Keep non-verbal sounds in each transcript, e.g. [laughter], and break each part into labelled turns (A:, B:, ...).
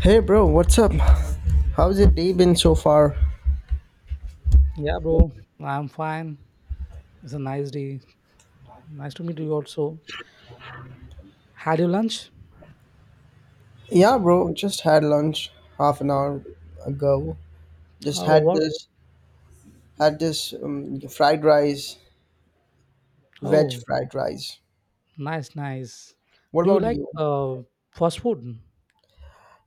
A: Hey bro, what's up? How's your day been so far?
B: Yeah, bro, I'm fine. It's a nice day. Nice to meet you also. Had you lunch?
A: Yeah bro, just had lunch half an hour ago. Just
B: Oh, what?
A: had this fried rice, veg
B: Oh,
A: fried rice.
B: nice, nice.
A: What
B: Do you
A: about
B: like
A: you?
B: fast food?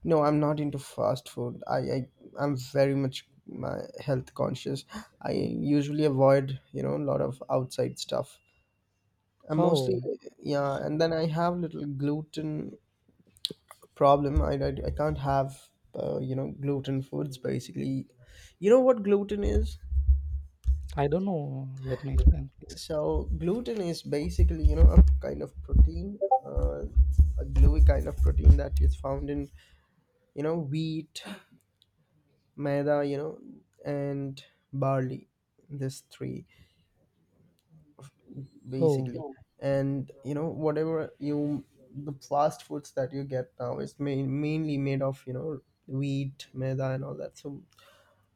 A: No, I'm not into fast food. I, I'm very much my health conscious. I usually avoid, you know, a lot of outside stuff. I'm mostly
B: Oh,
A: yeah, and then I have little gluten problem I can't have you know gluten foods basically. You know what gluten is?
B: I don't know. Let me explain, please.
A: So gluten is basically, you know, a kind of protein, uh, a gluey kind of protein that is found in, you know, wheat maida, you know, and barley, this three
B: Oh,
A: basically. And you know whatever you, the fast foods that you get now is mainly made of, you know, wheat maida and all that, so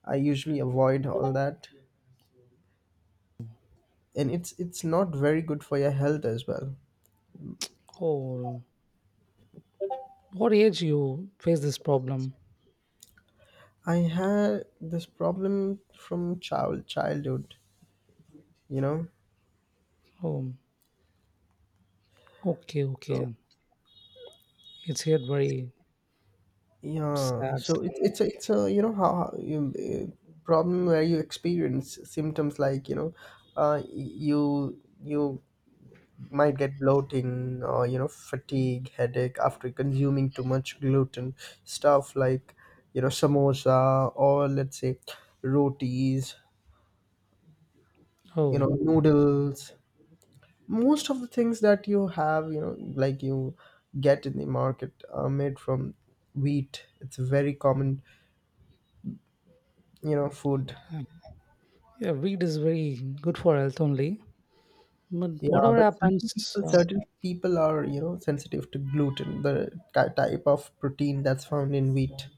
A: I usually avoid all that, and it's not very good for your health as well.
B: oh, what age you face this problem?
A: I had this problem from childhood, you know.
B: Oh, okay, okay.
A: So,
B: It's here very
A: yeah,
B: sad.
A: so it's a you know problem where you experience symptoms like, you know, you might get bloating or, you know, fatigue, headache after consuming too much gluten, stuff like, you know, samosa, or let's say rotis, you
B: Oh,
A: know, noodles. Most of the things that you have, you know, like you get in the market are made from wheat. It's a very common, you know, food.
B: um, yeah, wheat is very good for health only. But
A: Yeah,
B: whatever
A: but certain
B: happens,
A: people, certain people are, you know, sensitive to gluten, the type of protein that's found in wheat.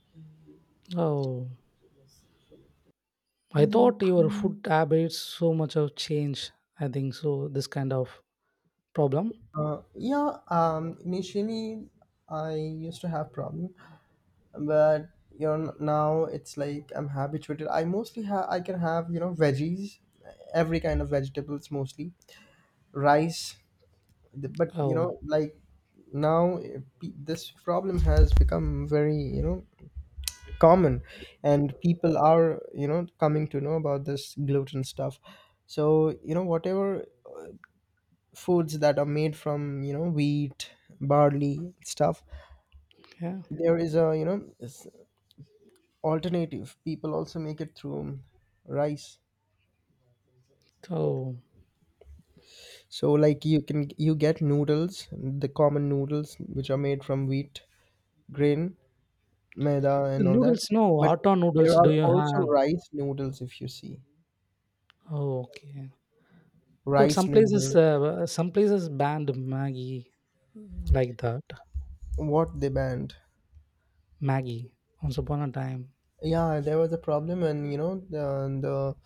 B: oh, I thought your food habits so much have changed. I think so. This kind of problem.
A: Yeah, um, initially I used to have problem, but you know now it's like I'm habituated. I mostly have, I can have, you know, veggies, every kind of vegetables, mostly rice. But you
B: Oh,
A: know, like, now this problem has become very, you know, common, and people are, you know, coming to know about this gluten stuff, so, you know, whatever foods that are made from, you know, wheat, barley stuff,
B: yeah.
A: there is a, you know, s- alternative. People also make it through rice.
B: So
A: So like, you can, you get noodles, the common noodles which are made from wheat, grain, maida
B: the
A: and all that.
B: noodles, no
A: But
B: auto noodles.
A: there
B: Do
A: are
B: you
A: also
B: have?
A: rice noodles if you see.
B: Oh, okay. But
A: Rice
B: some places,
A: noodles.
B: uh, some places banned Maggie like that.
A: What they banned.
B: Maggie. Once upon a time.
A: Yeah, there was a problem, and you know, the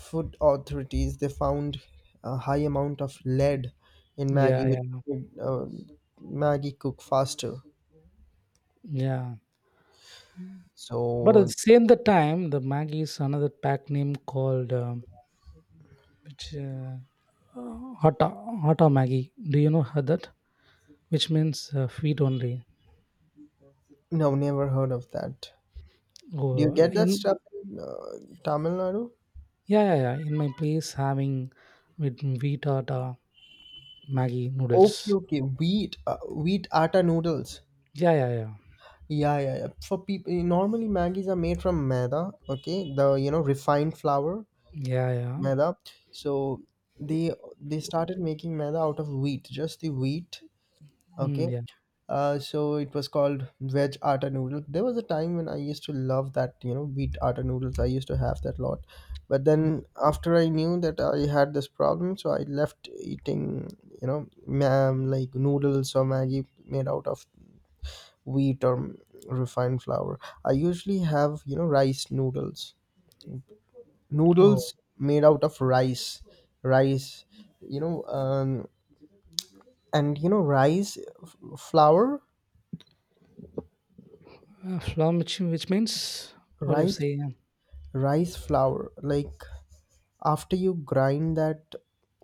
A: food authorities, they found a high amount of lead in Maggie,
B: Yeah,
A: which
B: yeah,
A: made, Maggie cook faster.
B: yeah. But at
A: So
B: the same the time, the Maggie is another pack name called which uh, Hata Hata Maggie. Do you know her that? Which means wheat only.
A: no, never heard of that. Do you
B: Oh,
A: get that
B: in
A: stuff in Tamil Nadu?
B: yeah, yeah, yeah. In my place, having with wheat or the Maggi
A: Okay,
B: noodles.
A: okay. Wheat, wheat atta noodles.
B: Yeah, yeah, yeah,
A: Yeah, yeah, yeah. For people, normally Maggies are made from maida, okay, the, you know, refined flour,
B: yeah, yeah.
A: maida. So they they started making maida out of wheat, just the wheat, okay.
B: Mm, yeah.
A: So it was called veg atta noodle. There was a time when I used to love that, you know, wheat atta noodles. I used to have that lot, but then after I knew that I had this problem, so I left eating, you know, like noodles or Maggie made out of wheat or mm, refined flour. I usually have, you know, rice noodles.
B: Oh,
A: Noodles made out of rice. Rice, you know, and you know, rice flour,
B: flour, which means what do you
A: rice,
B: say? Yeah.
A: rice flour. Like, after you grind that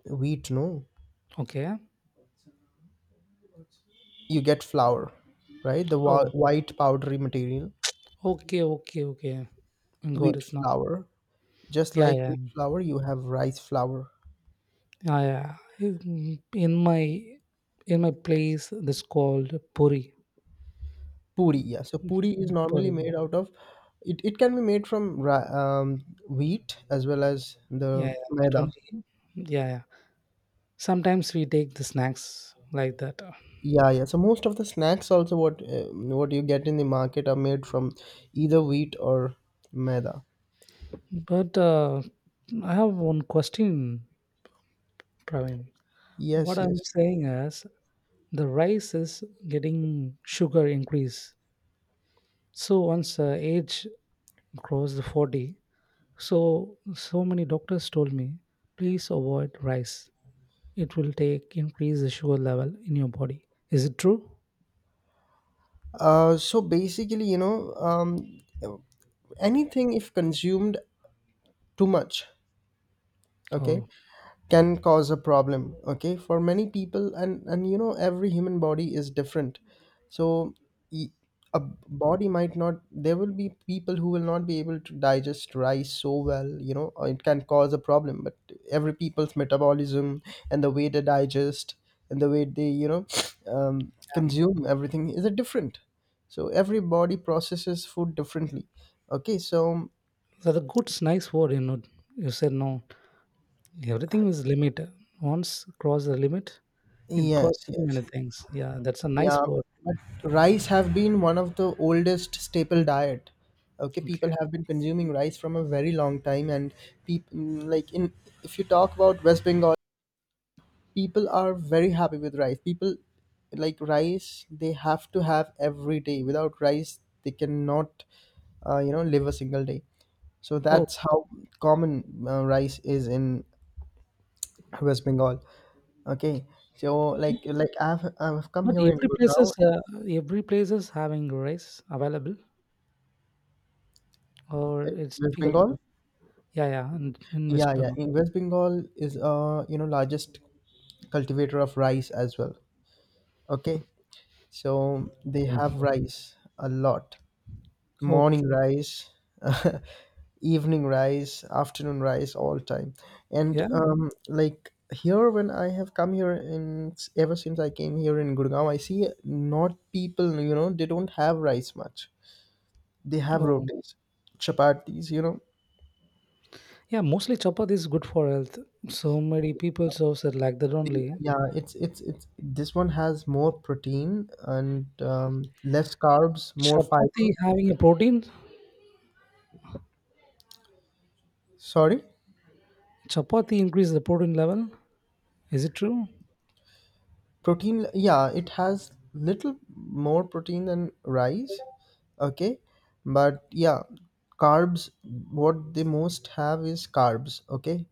A: wheat, no,
B: Okay.
A: you get flour, right? The
B: Oh,
A: white powdery material,
B: okay, okay, okay. Got
A: wheat
B: it now.
A: flour. Just
B: Yeah,
A: like
B: yeah,
A: wheat flour, you have rice flour.
B: yeah, yeah. In my place, this called puri.
A: Puri, yeah. So puri is normally made
B: Puri.
A: out of, it can be made from um, wheat as well as
B: Yeah,
A: the
B: yeah. It
A: maida.
B: only. Yeah, yeah. Sometimes we take the snacks like that.
A: Yeah, yeah. So most of the snacks also, what you get in the market, are made from either wheat or maida.
B: But I have one question, Praveen. What
A: Yes,
B: I'm
A: yes.
B: saying is the rice is getting sugar increase. So once age crossed the 40, so many doctors told me, please avoid rice. It will take increase the sugar level in your body. Is it true?
A: So basically, you know, anything if consumed too much, okay,
B: Oh,
A: can cause a problem, okay, for many people, and you know every human body is different, so e- a body might not, there will be people who will not be able to digest rice so well, you know, or it can cause a problem, but every people's metabolism and the way they digest and the way they, you know, [sniffs]
B: damn.
A: consume everything is a different. So every body processes food differently, okay. So
B: So the good's nice word, you know. You said no. Everything is limit. Once cross the limit, it
A: yes,
B: costs so
A: yes.
B: many things. Yeah, that's a
A: Yeah,
B: nice word.
A: but rice have been one of the oldest staple diet. Okay, people
B: Okay.
A: have been consuming rice from a very long time, and people, like in, if you talk about West Bengal, people are very happy with rice. People like rice; they have to have every day. Without rice, they cannot, you know, live a single day. So
B: Oh,
A: that's how common, rice is in West Bengal. Okay, so like I've come
B: but
A: here in Gurgaon,
B: every place is having rice available, or
A: in
B: it's
A: West
B: difficult
A: Bengal.
B: to. Yeah, yeah, and in West
A: Yeah, yeah.
B: Bengal.
A: In West Bengal is, uh, you know, largest cultivator of rice as well. Okay, so they have rice a lot.
B: Okay.
A: Morning rice, [laughs] evening rice, afternoon rice, all time. And
B: Yeah.
A: um, like here, when I have come here, in, ever since I came here in Gurgaon, I see, not people, you know, they don't have rice much. They have
B: Oh,
A: rotis, chapatis, you know.
B: yeah. Mostly chapati is good for health. So many people serve it like that only.
A: Yeah, it's this one has more protein and less carbs, more fiber.
B: Chapati having a protein.
A: Sorry,
B: Chapati increase the protein level. Is it true?
A: protein. Yeah, it has little more protein than rice. Okay, but yeah, carbs. What they most have is carbs. Okay,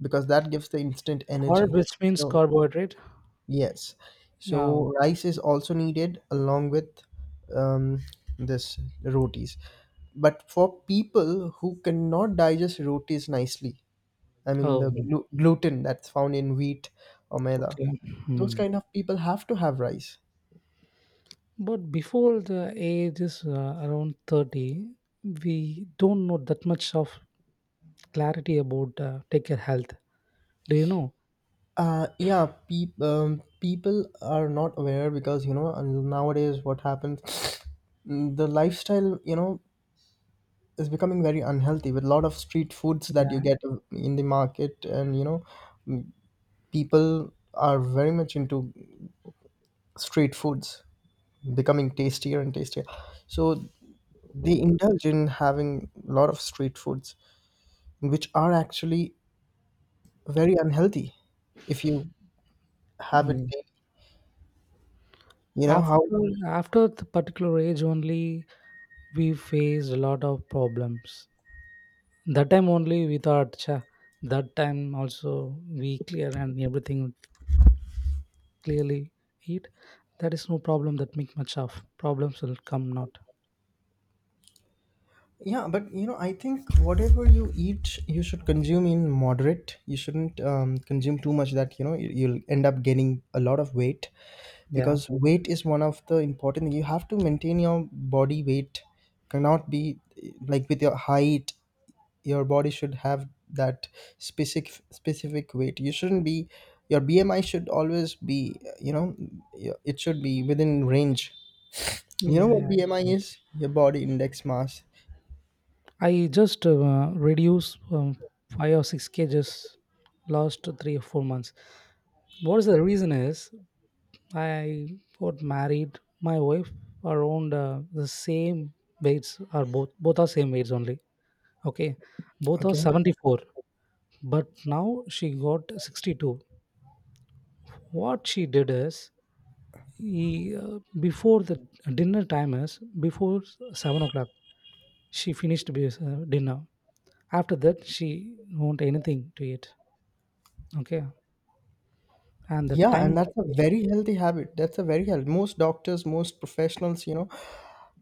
A: because that gives the instant
B: Carb,
A: energy.
B: which means
A: So
B: carbohydrate.
A: yes.
B: Yeah.
A: So rice is also needed along with um, this rotis. But for people who cannot digest rotis nicely, I mean
B: Oh.
A: the gluten that's found in wheat or maida,
B: Okay.
A: those
B: Hmm.
A: kind of people have to have rice.
B: But before the age is around 30, we don't know that much of clarity about take your health. Do you know?
A: Yeah, people are not aware because, you know, and nowadays, what happens, [sniffs] the lifestyle, you know, is becoming very unhealthy with a lot of street foods that you
B: Yeah.
A: get in the market, and you know, people are very much into street foods, becoming tastier and tastier. So they indulge in having a lot of street foods, which are actually very unhealthy if you have it
B: Mm.
A: daily. You know
B: After
A: how?
B: after the particular age only we faced a lot of problems. That time only we thought, "Cha, that time also we clear and everything clearly eat. That is no problem. That make much of problems will come not.
A: Yeah, but you know, I think whatever you eat, you should consume in moderate. You shouldn't consume too much, that you know you- you'll end up gaining a lot of weight,
B: Yeah.
A: because weight is one of the important, you have to maintain your body weight, cannot be eh, like, with your height, your body should have that specific weight. You shouldn't be, your BMI should always be eh, you know, it should be within range.
B: Yeah.
A: You know what
B: Yeah.
A: BMI
B: Yeah.
A: is? Your body index mass.
B: I just reduced 5 or 6 kgs last 3 or 4 months. What is the reason is I got married. My wife around the same weights are both are same weights only. Okay, both are
A: Okay.
B: 74, but now she got 62. What she did is, he, before the dinner time is before 7 o'clock, she finished dinner. After that, she won't anything to eat. Okay, and the
A: Yeah, and
B: time.
A: that's a very healthy habit, that's a very healthy, most doctors, most professionals, you know,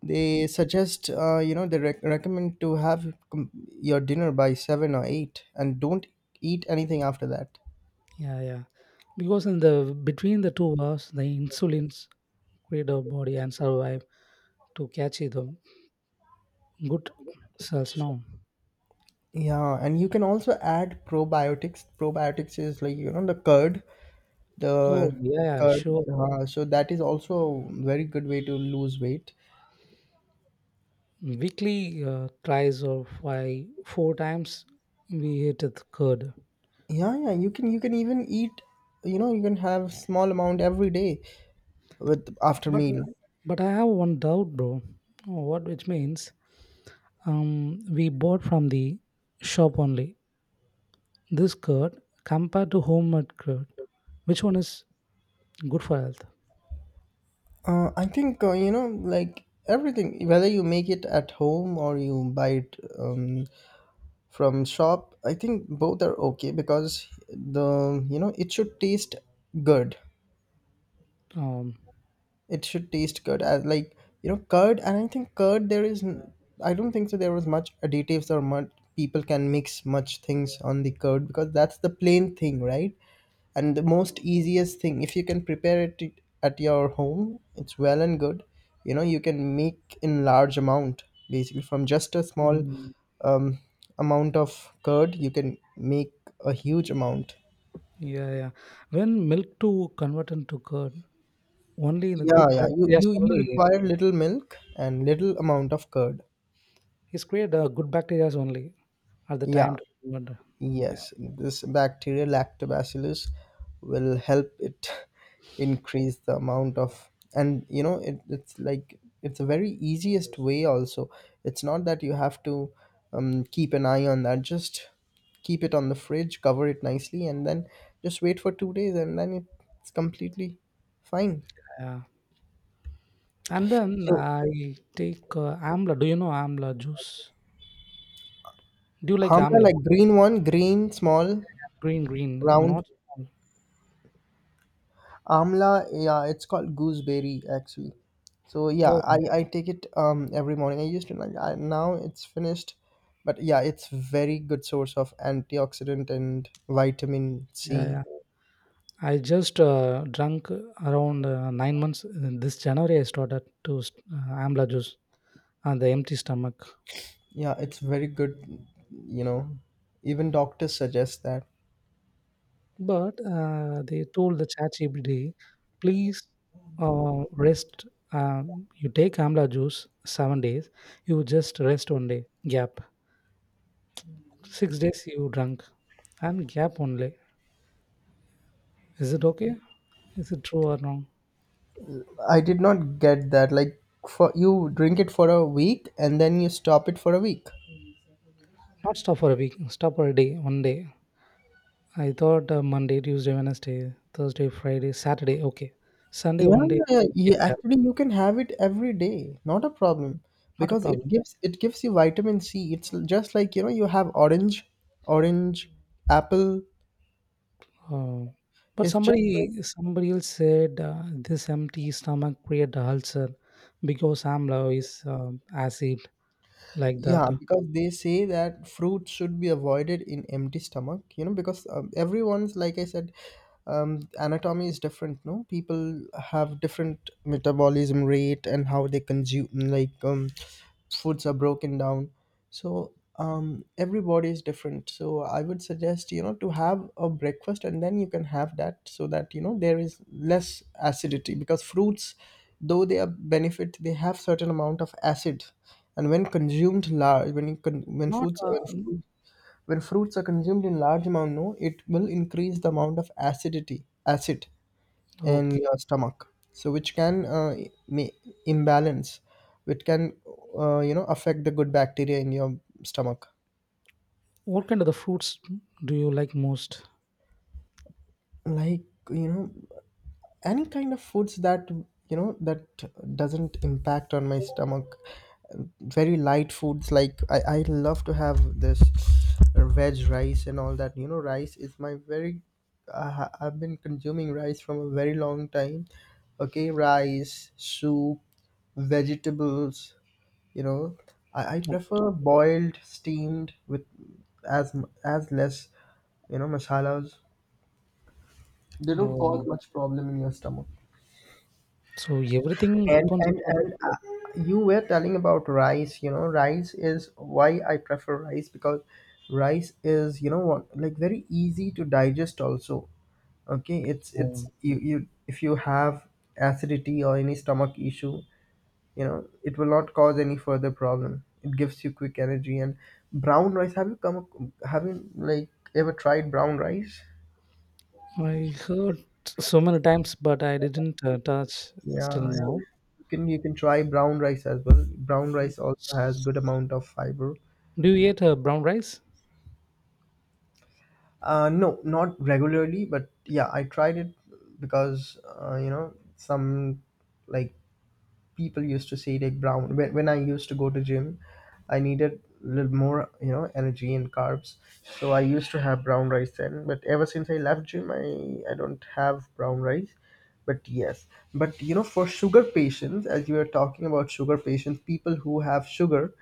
A: they suggest, you know, they recommend to have your dinner by 7 or 8 and don't eat anything after that.
B: Yeah, yeah, because in the between the 2 hours the insulins create our body and survive to catch it good sales now.
A: Yeah, and you can also add probiotics. Probiotics is like, you know, the curd,
B: Oh,
A: the
B: yeah, yeah,
A: curd.
B: sure.
A: So that is also a very good way to lose weight.
B: Weekly tries of why four times we hit the curd.
A: Yeah, yeah, you can, you can even eat, you know, you can have small amount every day with after
B: But uh,
A: meal.
B: but I have one doubt, bro. What which means we bought from the shop only this curd compared to homemade curd. Which one is good for health?
A: I think, you know, like everything, whether you make it at home or you buy it from shop, I think both are okay, because the, you know, it should taste good,
B: Um,
A: it should taste good. I, like you know, curd, and I think curd there is. I don't think so. There was much additives or much people can mix much things on the curd, because that's the plain thing, right? And the most easiest thing, if you can prepare it at your home, it's well and good. You know, you can make in large amount basically from just a small
B: Mm,
A: um, amount of curd, you can make a huge amount.
B: yeah, yeah. When milk to convert into curd, only in the
A: Yeah,
B: good
A: yeah. You,
B: bacteria
A: you
B: only
A: require little milk and little amount of curd.
B: it's create good bacteria only at the
A: Yeah,
B: time. To, but,
A: yes. This bacterial lactobacillus will help it [laughs] increase the amount of, and you know, it, it's like it's a very easiest way also. It's not that you have to keep an eye on that. Just keep it on the fridge, cover it nicely, and then just wait for 2 days, and then it's completely fine.
B: yeah. And then
A: So,
B: I take amla. Do you know amla juice? Do you like
A: amla,
B: amla?
A: like green one, green, small,
B: Green, green,
A: round.
B: not small.
A: Amla, yeah, it's called gooseberry actually. So yeah,
B: Oh,
A: I take it every morning. I used to like I, now it's finished, but yeah, it's very good source of antioxidant and vitamin
B: yeah,
A: C.
B: yeah. I just drank around 9 months. This January, I started to amla juice on the empty stomach.
A: Yeah, it's very good, you know. Even doctors suggest that.
B: But they told the ChatGPT, please rest. You take amla juice 7 days. You just rest 1 day. Gap 6 days you drunk, and gap only. Is it okay? Is it true or wrong?
A: I did not get that. Like, for, you drink it for a week and then you stop it for a week.
B: Not stop for a week. Stop for a day. 1 day. I thought Monday, Tuesday, Wednesday, Thursday, Friday, Saturday. Okay, Sunday
A: Yeah,
B: 1 day.
A: yeah,
B: You get
A: yeah.
B: gap.
A: Actually, you can have it every day, not a problem,
B: Not a
A: because it
B: problem.
A: gives, it gives you vitamin C. It's just like, you know, you have orange, orange, apple.
B: Oh, but
A: It's just like,
B: somebody else said this empty stomach create ulcer because amla is acid like that.
A: yeah, because they say that fruit should be avoided in empty stomach, you know, because everyone's, like I said, anatomy is different, no, people have different metabolism rate and how they consume, like foods are broken down. So every body is different, so I would suggest, to have a breakfast and then you can have that so that, there is less acidity because fruits, though they are benefit, they have certain amount of acid. And when consumed large, when you con- when
B: Not
A: foods when fruit when fruits are consumed in large amount, no, it will increase the amount of acidity, acid in
B: okay.
A: your stomach. So which can may imbalance, which can affect the good bacteria in your stomach.
B: What kind of the fruits do you like most?
A: Like, you know, any kind of foods that, that doesn't impact on my stomach. Very light foods like I love to have this veg rice and all that, you know, rice is my very I've been consuming rice from a very long time. Okay, rice soup, vegetables, you know, I prefer
B: Okay.
A: boiled, steamed with as less, you know, masalas. They don't cause
B: Um,
A: much problem in your stomach.
B: so everything
A: and
B: depends
A: and
B: on the.
A: and uh, you were telling about rice, you know, rice is why I prefer rice, because rice is, you know what, like very easy to digest also. Okay, it's
B: um,
A: you, if you have acidity or any stomach issue, you know, it will not cause any further problem, it gives you quick energy. And brown rice, have you ever tried brown rice?
B: I heard so many times, but I didn't touch still
A: Yeah, yeah,
B: now.
A: you can, you can try brown rice as well. Brown rice also has good amount of fiber.
B: Do you eat brown rice?
A: No, not regularly, but yeah, I tried it because you know, some, like people used to say like brown, when I used to go to gym, I needed a little more, you know, energy and carbs, so I used to have brown rice then. But ever since I left gym, I don't have brown rice. But yes, but you know, for sugar patients, as you were talking about sugar patients, people who have sugar,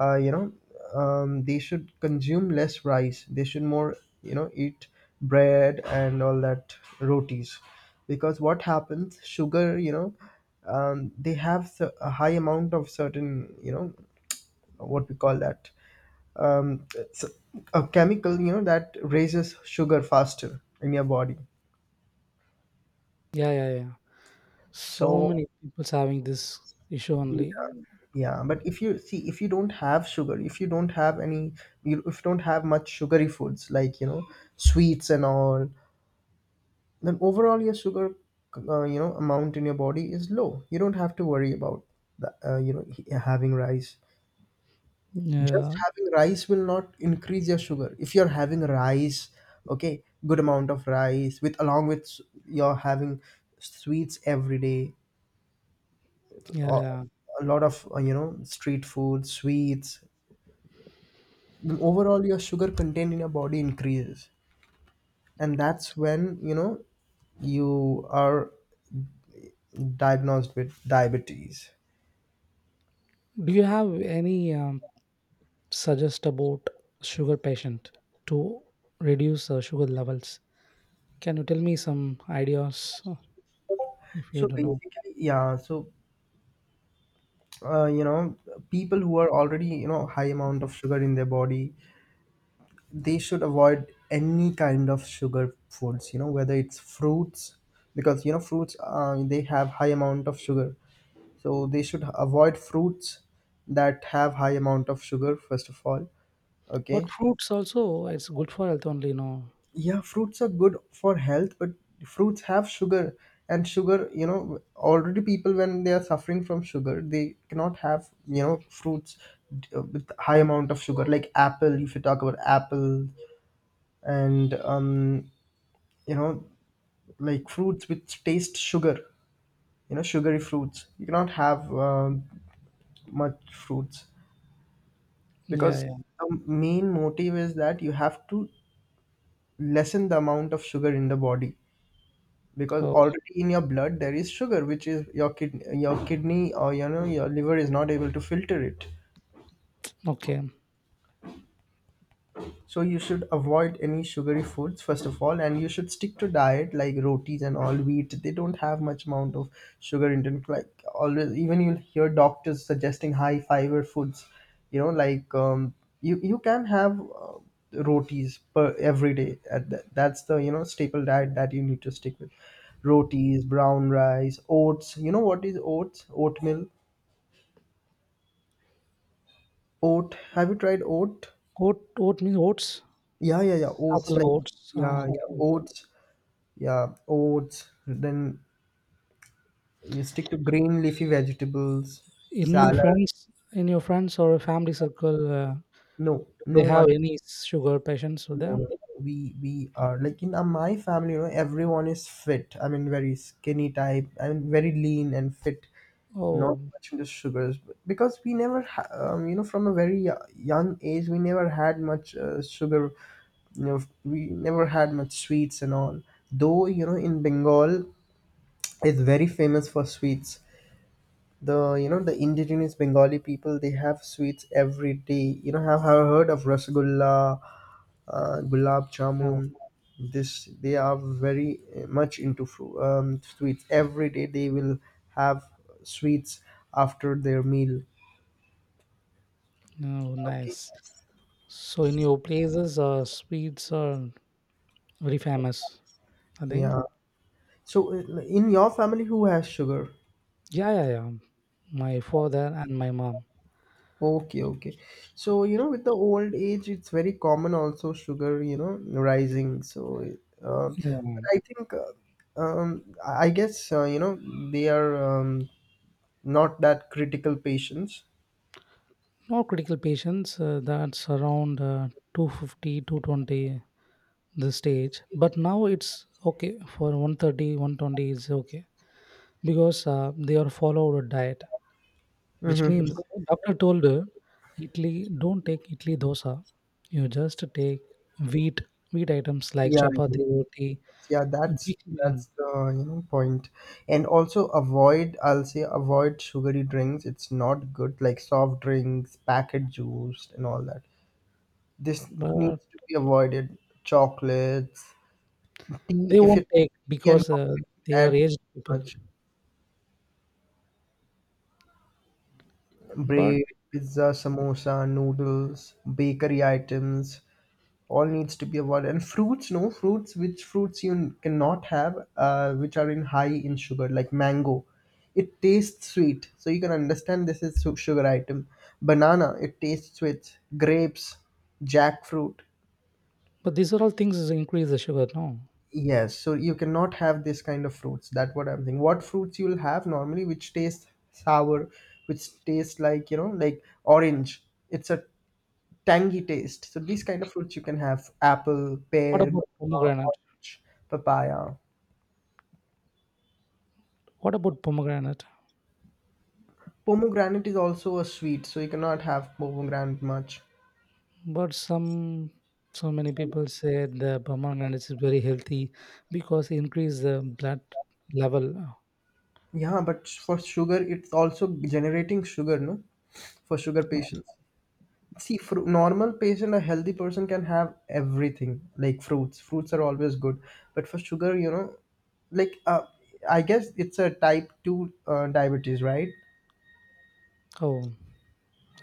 A: you know, they should consume less rice, they should more, eat bread and all that, rotis. Because what happens, sugar, they have a high amount of certain, you know, what we call that, it's a chemical, you know, that raises sugar faster in your body.
B: Yeah, yeah, yeah. So
A: So
B: many people's having this issue
A: yeah,
B: only.
A: yeah, but if you see, if you don't have sugar, if you don't have any, you, if you don't have much sugary foods like, sweets and all, then overall your sugar amount in your body is low, you don't have to worry about the, you know having rice. Just
B: Yeah,
A: having rice will not increase your sugar. If you're having rice, okay, good amount of rice, with along with you're having sweets every day,
B: yeah,
A: or
B: yeah.
A: a lot of you know, street food sweets, then overall your sugar content in your body increases, and that's when, you know, you are diagnosed with diabetes.
B: Do you have any suggest about sugar patient to reduce sugar levels? Can you tell me some ideas if you
A: So
B: don't know?
A: basically, yeah. So you know, people who are already, you know, high amount of sugar in their body, they should avoid any kind of sugar foods. You know, whether it's fruits, because you know fruits they have high amount of sugar. So they should avoid fruits that have high amount of sugar first of all. Okay.
B: But fruits also it's good for health only, no?
A: Yeah, fruits are good for health, but fruits have sugar, and sugar, you know, already people when they are suffering from sugar, they cannot have, you know, fruits with high amount of sugar, like apple. If you talk about apple, and you know, like fruits which taste sugar, you know, sugary fruits, you cannot have much fruits,
B: Yeah,
A: because
B: yeah.
A: the main motive is that you have to lessen the amount of sugar in the body, because
B: Oh,
A: already in your blood there is sugar which is your kid your kidney, or, you know, your liver is not able to filter it.
B: okay.
A: So you should avoid any sugary foods first of all, and you should stick to diet like rotis and all wheat. They don't have much amount of sugar intent. Like always, even you'll hear doctors suggesting high fiber foods. You know, like you can have uh, rotis per every day. At that. That's the, you know, staple diet that you need to stick with. Rotis, brown rice, oats. You know what is oats? Oatmeal, oat. Have you tried oat?
B: Oat, oat means oats.
A: Yeah, yeah, yeah. Oats
B: Apple
A: like,
B: oats. Ah,
A: yeah,
B: okay.
A: yeah. Oats. Yeah, oats. Then you stick to green leafy vegetables,
B: In your
A: salad.
B: friends, in your friends or family circle,
A: No, no
B: they
A: one.
B: have any sugar patients with
A: No,
B: them?
A: no. We are like in my family. You know, everyone is fit. I mean, very skinny type. I mean, very lean and fit. Not
B: Oh,
A: much into sugars, but because we never, you know, from a very young age, we never had much sugar. You know, we never had much sweets and all. Though you know, in Bengal, is very famous for sweets. The, you know, the indigenous Bengali people, they have sweets every day. You know, have heard of rasgulla, gulab
B: no,
A: jamun. This, they are very much into sweets. Every day they will have sweets after their meal.
B: no,
A: Okay.
B: nice. So in your places, sweets or very famous, I think.
A: Yeah. So in your family, who has sugar?
B: Yeah, yeah, yeah. My father and my mom.
A: Okay, okay. So, you know, with the old age, it's very common also, sugar, you know, rising. So, but
B: Yeah.
A: I think, I guess, you know, they are not that critical patients.
B: No critical patients. That's around 250, the stage. But now it's okay for 130, 120 is okay because they are followed a diet, which
A: Mhm.
B: means doctor told her, Italy, don't take Italy dosa. You just take wheat, wheat items like
A: Yeah,
B: chapati, roti,
A: yeah, that's
B: weekly.
A: the you know, point. And also avoid, I'll say avoid sugary drinks. It's not good, like soft drinks, packet juice, and all that. This
B: But
A: needs to be avoided. Chocolates, tea,
B: they
A: if you
B: won't take
A: tea and
B: because,
A: coffee,
B: they are
A: add
B: aged people.
A: much
B: But
A: bread, pizza, samosa, noodles, bakery items, all needs to be avoided. And fruits, no fruits, which fruits you cannot have, which are in high in sugar, like mango. It tastes sweet, so you can understand this is sugar item. Banana, it tastes sweet. Grapes, jackfruit.
B: but these are all things is increase the sugar, no?
A: Yes, so you cannot have this kind of fruits. That's what I'm thinking. What fruits you'll have normally, which taste sour, which taste like, you know, like orange. It's a tangy taste. So these kind of fruits you can have: apple,
B: What
A: pear,
B: about
A: guava,
B: pomegranate?
A: orange, papaya.
B: What about pomegranate?
A: Pomegranate is also a sweet, so you cannot have pomegranate much.
B: But some so many people said the pomegranate is very healthy because it increase the blood level.
A: Yeah, but for sugar, it's also generating sugar, no? For sugar patients. See, fru normal patient, a healthy person can have everything, like fruits. Fruits are always good, but for sugar, you know, like I guess it's a type 2 diabetes, right?
B: Oh,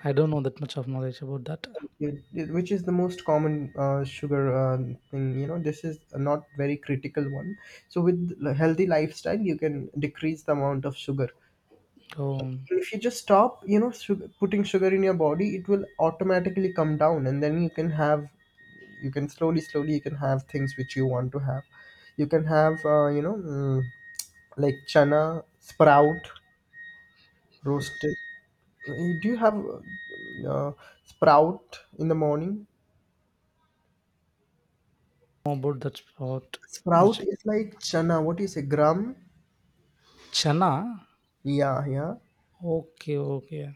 B: I don't know that much of knowledge about that.
A: Which is the most common sugar thing. You know, this is a not very critical one. So with a healthy lifestyle, you can decrease the amount of sugar.
B: Oh,
A: If you just stop, you know, sugar, putting sugar in your body, it will automatically come down, and then you can have, you can slowly slowly, you can have things which you want to have. You can have like chana sprout, roasted. Do you have sprout in the morning?
B: more about that sport.
A: Sprout
B: Which
A: is like chana, what is a gram.
B: Chana?
A: Yeah, yeah.
B: Okay, okay.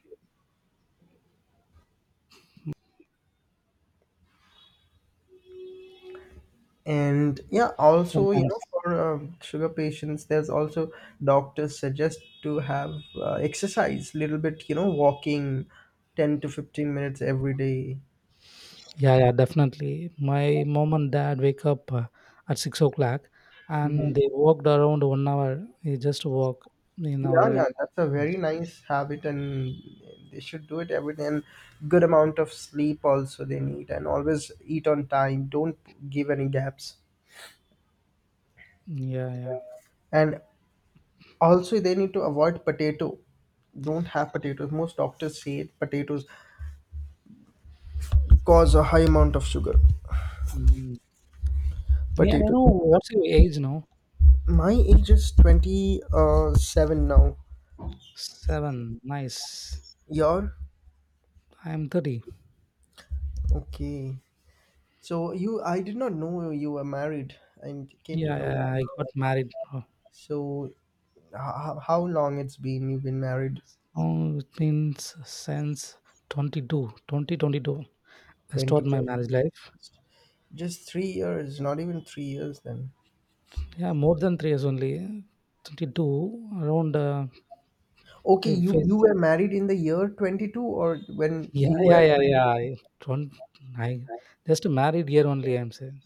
A: And yeah, also, you know,
B: Sometimes.
A: for sugar patients, there's also doctors suggest to have exercise little bit, you know, walking 10 to 15 minutes every day.
B: Yeah, yeah, definitely. My mom and dad wake up at 6 o'clock, and they walked around 1 hour. They just walk in our.
A: Yeah, yeah, that's a very nice habit, and they should do it every day, and good amount of sleep also they need, and always eat on time, don't give any gaps.
B: Yeah, yeah.
A: And also they need to avoid potato, don't have potatoes. Most doctors say potatoes cause a high amount of sugar,
B: Mm. Me, I
A: potatoes.
B: know. What's your age now?
A: My age is 27 now.
B: Seven. Nice.
A: You're?
B: I'm 30.
A: Okay. So you, I did not know you were married and came to
B: Yeah,
A: know. Yeah.
B: yeah. I got married. Oh,
A: So how long it's been you've been married?
B: it means since 22, 2022. I
A: 20,
B: start my marriage life.
A: just 3 years, not even 3 years then.
B: Yeah, more than 3 years only. 22 around.
A: Okay,
B: We
A: you,
B: face
A: you were married in the year 22, or when
B: Yeah,
A: you
B: yeah,
A: were
B: yeah, yeah. I don't. I just married here only. I'm saying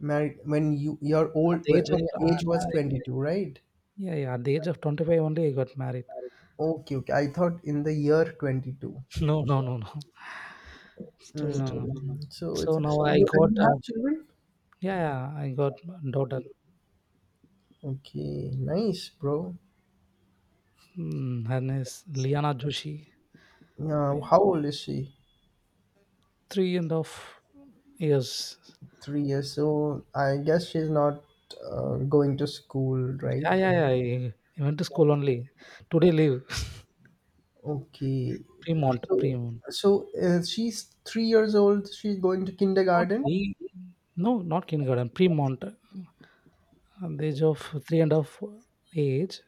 A: married, when you, your
B: at
A: old,
B: the
A: when
B: age of
A: your age was 22, right?
B: yeah, yeah. At the age of 25 only, I got married.
A: Okay, okay. I thought in the year 22.
B: [laughs] No, no, no, no. It's too long now.
A: Mm, so it's
B: So
A: a, you.
B: now I
A: So, and
B: got
A: you have children?
B: yeah, yeah. I got my daughter.
A: Okay, nice, bro.
B: Mm, her name is Liana Joshi.
A: Now, how old is she?
B: Three and a half years.
A: 3 years old. I guess she's not going to school,
B: Yeah,
A: right?
B: yeah, yeah. I, I went to school only. Today leave
A: Okay.
B: [laughs] Premont,
A: So,
B: Premont.
A: so she's 3 years old. She's going to
B: Not
A: kindergarten.
B: pre. No, not kindergarten. Premont. At the age of three and a half age,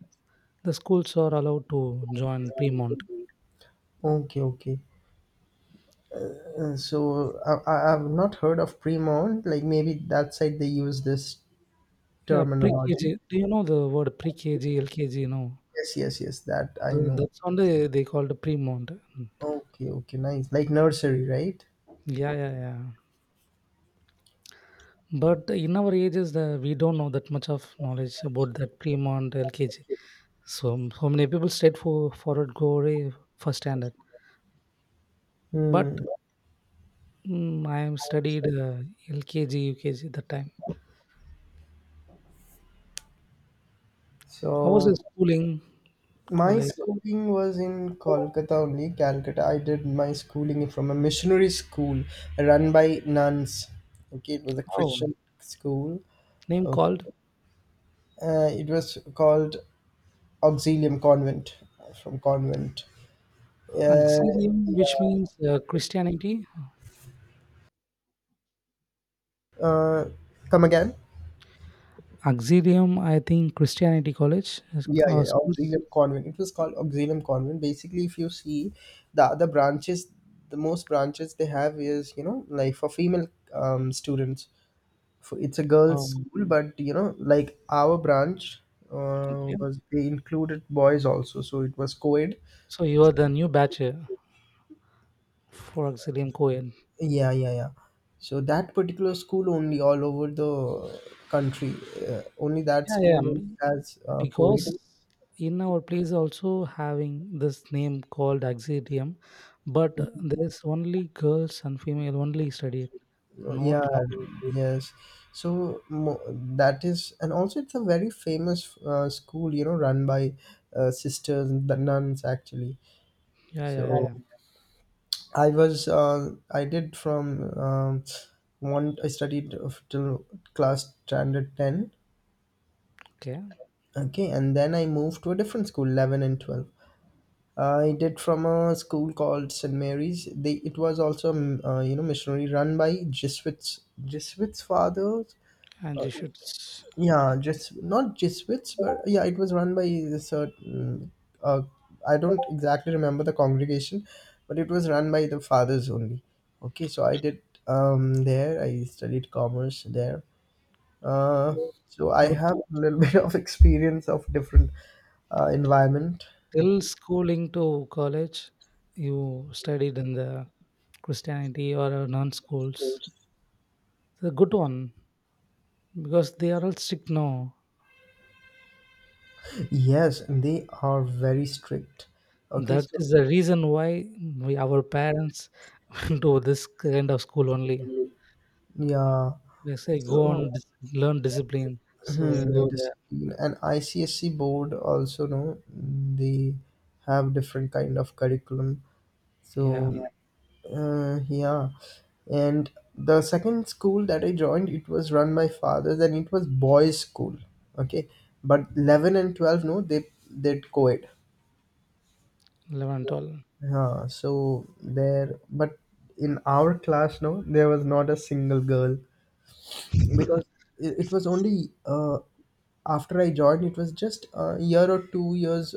B: the schools are allowed to join pre-mont,
A: Okay, okay. So I've not heard of pre-mount. Like, maybe that side they use this
B: yeah,
A: terminology.
B: pre-KG. Do you know the word pre-KG, LKG? No,
A: Yes, yes, yes. That I
B: the,
A: know.
B: that's only they called pre-mont. Mm.
A: Okay, okay, nice. Like nursery, right?
B: Yeah, yeah, yeah. But in our ages, the, we don't know that much of knowledge about that pre-mont, LKG. So many people straight forward go away for standard. But
A: Hmm.
B: I am studied LKG, UKG that time. I was in
A: So
B: schooling
A: my
B: college.
A: schooling was in Kolkata only, Calcutta. I did my schooling from a missionary school run by nuns. Okay, it was a
B: Oh,
A: Christian school.
B: name
A: Okay.
B: called
A: It was called Auxilium Convent from convent. Uh,
B: Auxilium, which means Christianity
A: uh, come again?
B: Auxilium, I think Christianity College
A: Yeah, yeah, yeah,
B: schools.
A: Auxilium Convent. It was called Auxilium Convent. Basically, if you see the other branches, the most branches they have is, you know, like for female students. So it's a girls
B: Um,
A: school, but you know, like, our branch
B: okay,
A: was, they included boys also, so it was co-ed.
B: so you are the new batch for Auxilium Cohen.
A: Yeah, yeah, yeah, so that particular school only, all over the country, only that
B: Yeah,
A: school
B: yeah,
A: only has
B: because
A: co-ed.
B: in our place also having this name called Auxilium, but there's only girls and female only study it, not.
A: Yeah,
B: co-
A: yes, so mo- that is. And also, it's a very famous school, you know, run by sisters and the nuns actually.
B: Yeah,
A: So
B: yeah, yeah.
A: I was I did from one I studied till class standard 10.
B: Okay,
A: Okay, and then I moved to a different school, 11 and 12. I did from a school called St. Mary's. They, it was also you know, missionary, run by Jesuits fathers.
B: and you should
A: Yeah, just not Jesuits, but yeah, it was run by a certain, Uh, I don't exactly remember the congregation, but it was run by the fathers only. Okay, so I did there. I studied commerce there. Uh,
B: you
A: so I
B: you
A: have a little [laughs] bit of experience of different environment.
B: till schooling to college, you studied in the Christianity or non schools. It's a good one because they are all strict now.
A: Yes, and they are very strict. Okay,
B: That
A: so
B: is the reason why our parents [laughs] do this kind of school only.
A: yeah,
B: They say go
A: so
B: on, learn discipline.
A: hmm,
B: So you
A: so it
B: go
A: is
B: there.
A: an ICSC board also, no, they have different kind of curriculum. So
B: Yeah,
A: yeah, yeah, and the second school that I joined, it was run by fathers, and it was boys school. Okay, but 11 and 12, no, they did co-ed.
B: 11 and 12.
A: Yeah, so there, but in our class, no, there was not a single girl, because it was only after I joined, it was just a year or 2 years,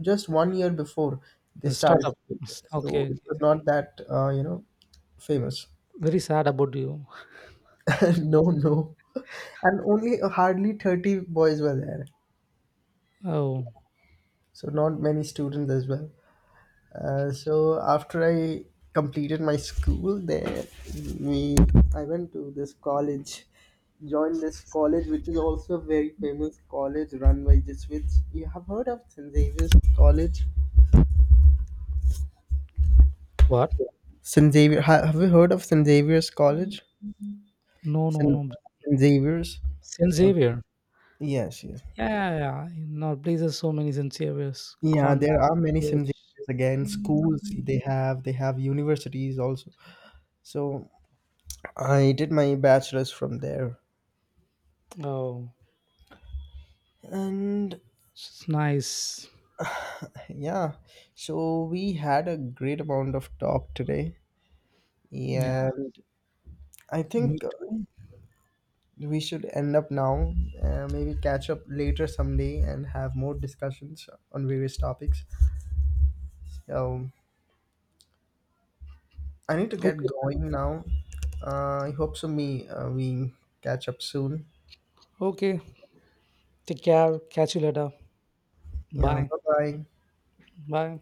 A: just one year before they
B: The
A: started
B: startup.
A: it. So
B: Okay,
A: it was
B: okay.
A: not that, you know, famous.
B: Very sad about you.
A: [laughs] no, no. And only hardly 30 boys were there.
B: Oh,
A: So not many students as well. So after I completed my school there, we, I went to this college, joined this college, which is also a very famous college run by Jesuits. You have heard of St. Xavier's College?
B: what?
A: St. Xavier. Have you heard of St. Xavier's College?
B: No, no,
A: St.
B: no.
A: St. Xavier's.
B: Saint
A: Okay.
B: Xavier.
A: Yes, yes.
B: Yeah, yeah, yeah. In our places, so many Saint Xavier's,
A: Yeah,
B: convent,
A: there are many St.
B: church.
A: Xavier's again. Schools they have universities also. So I did my bachelor's from there.
B: Oh,
A: And
B: it's nice.
A: yeah, so we had a great amount of talk today.
B: Yeah,
A: And I
B: me
A: think
B: too.
A: we should end up now. Maybe catch up later someday and have more discussions on various topics. So I need to get
B: Okay,
A: going now. I hope so. Me, we catch up soon.
B: okay. Take care. Catch you later.
A: Yeah,
B: Bye.
A: bye bye.
B: Bye.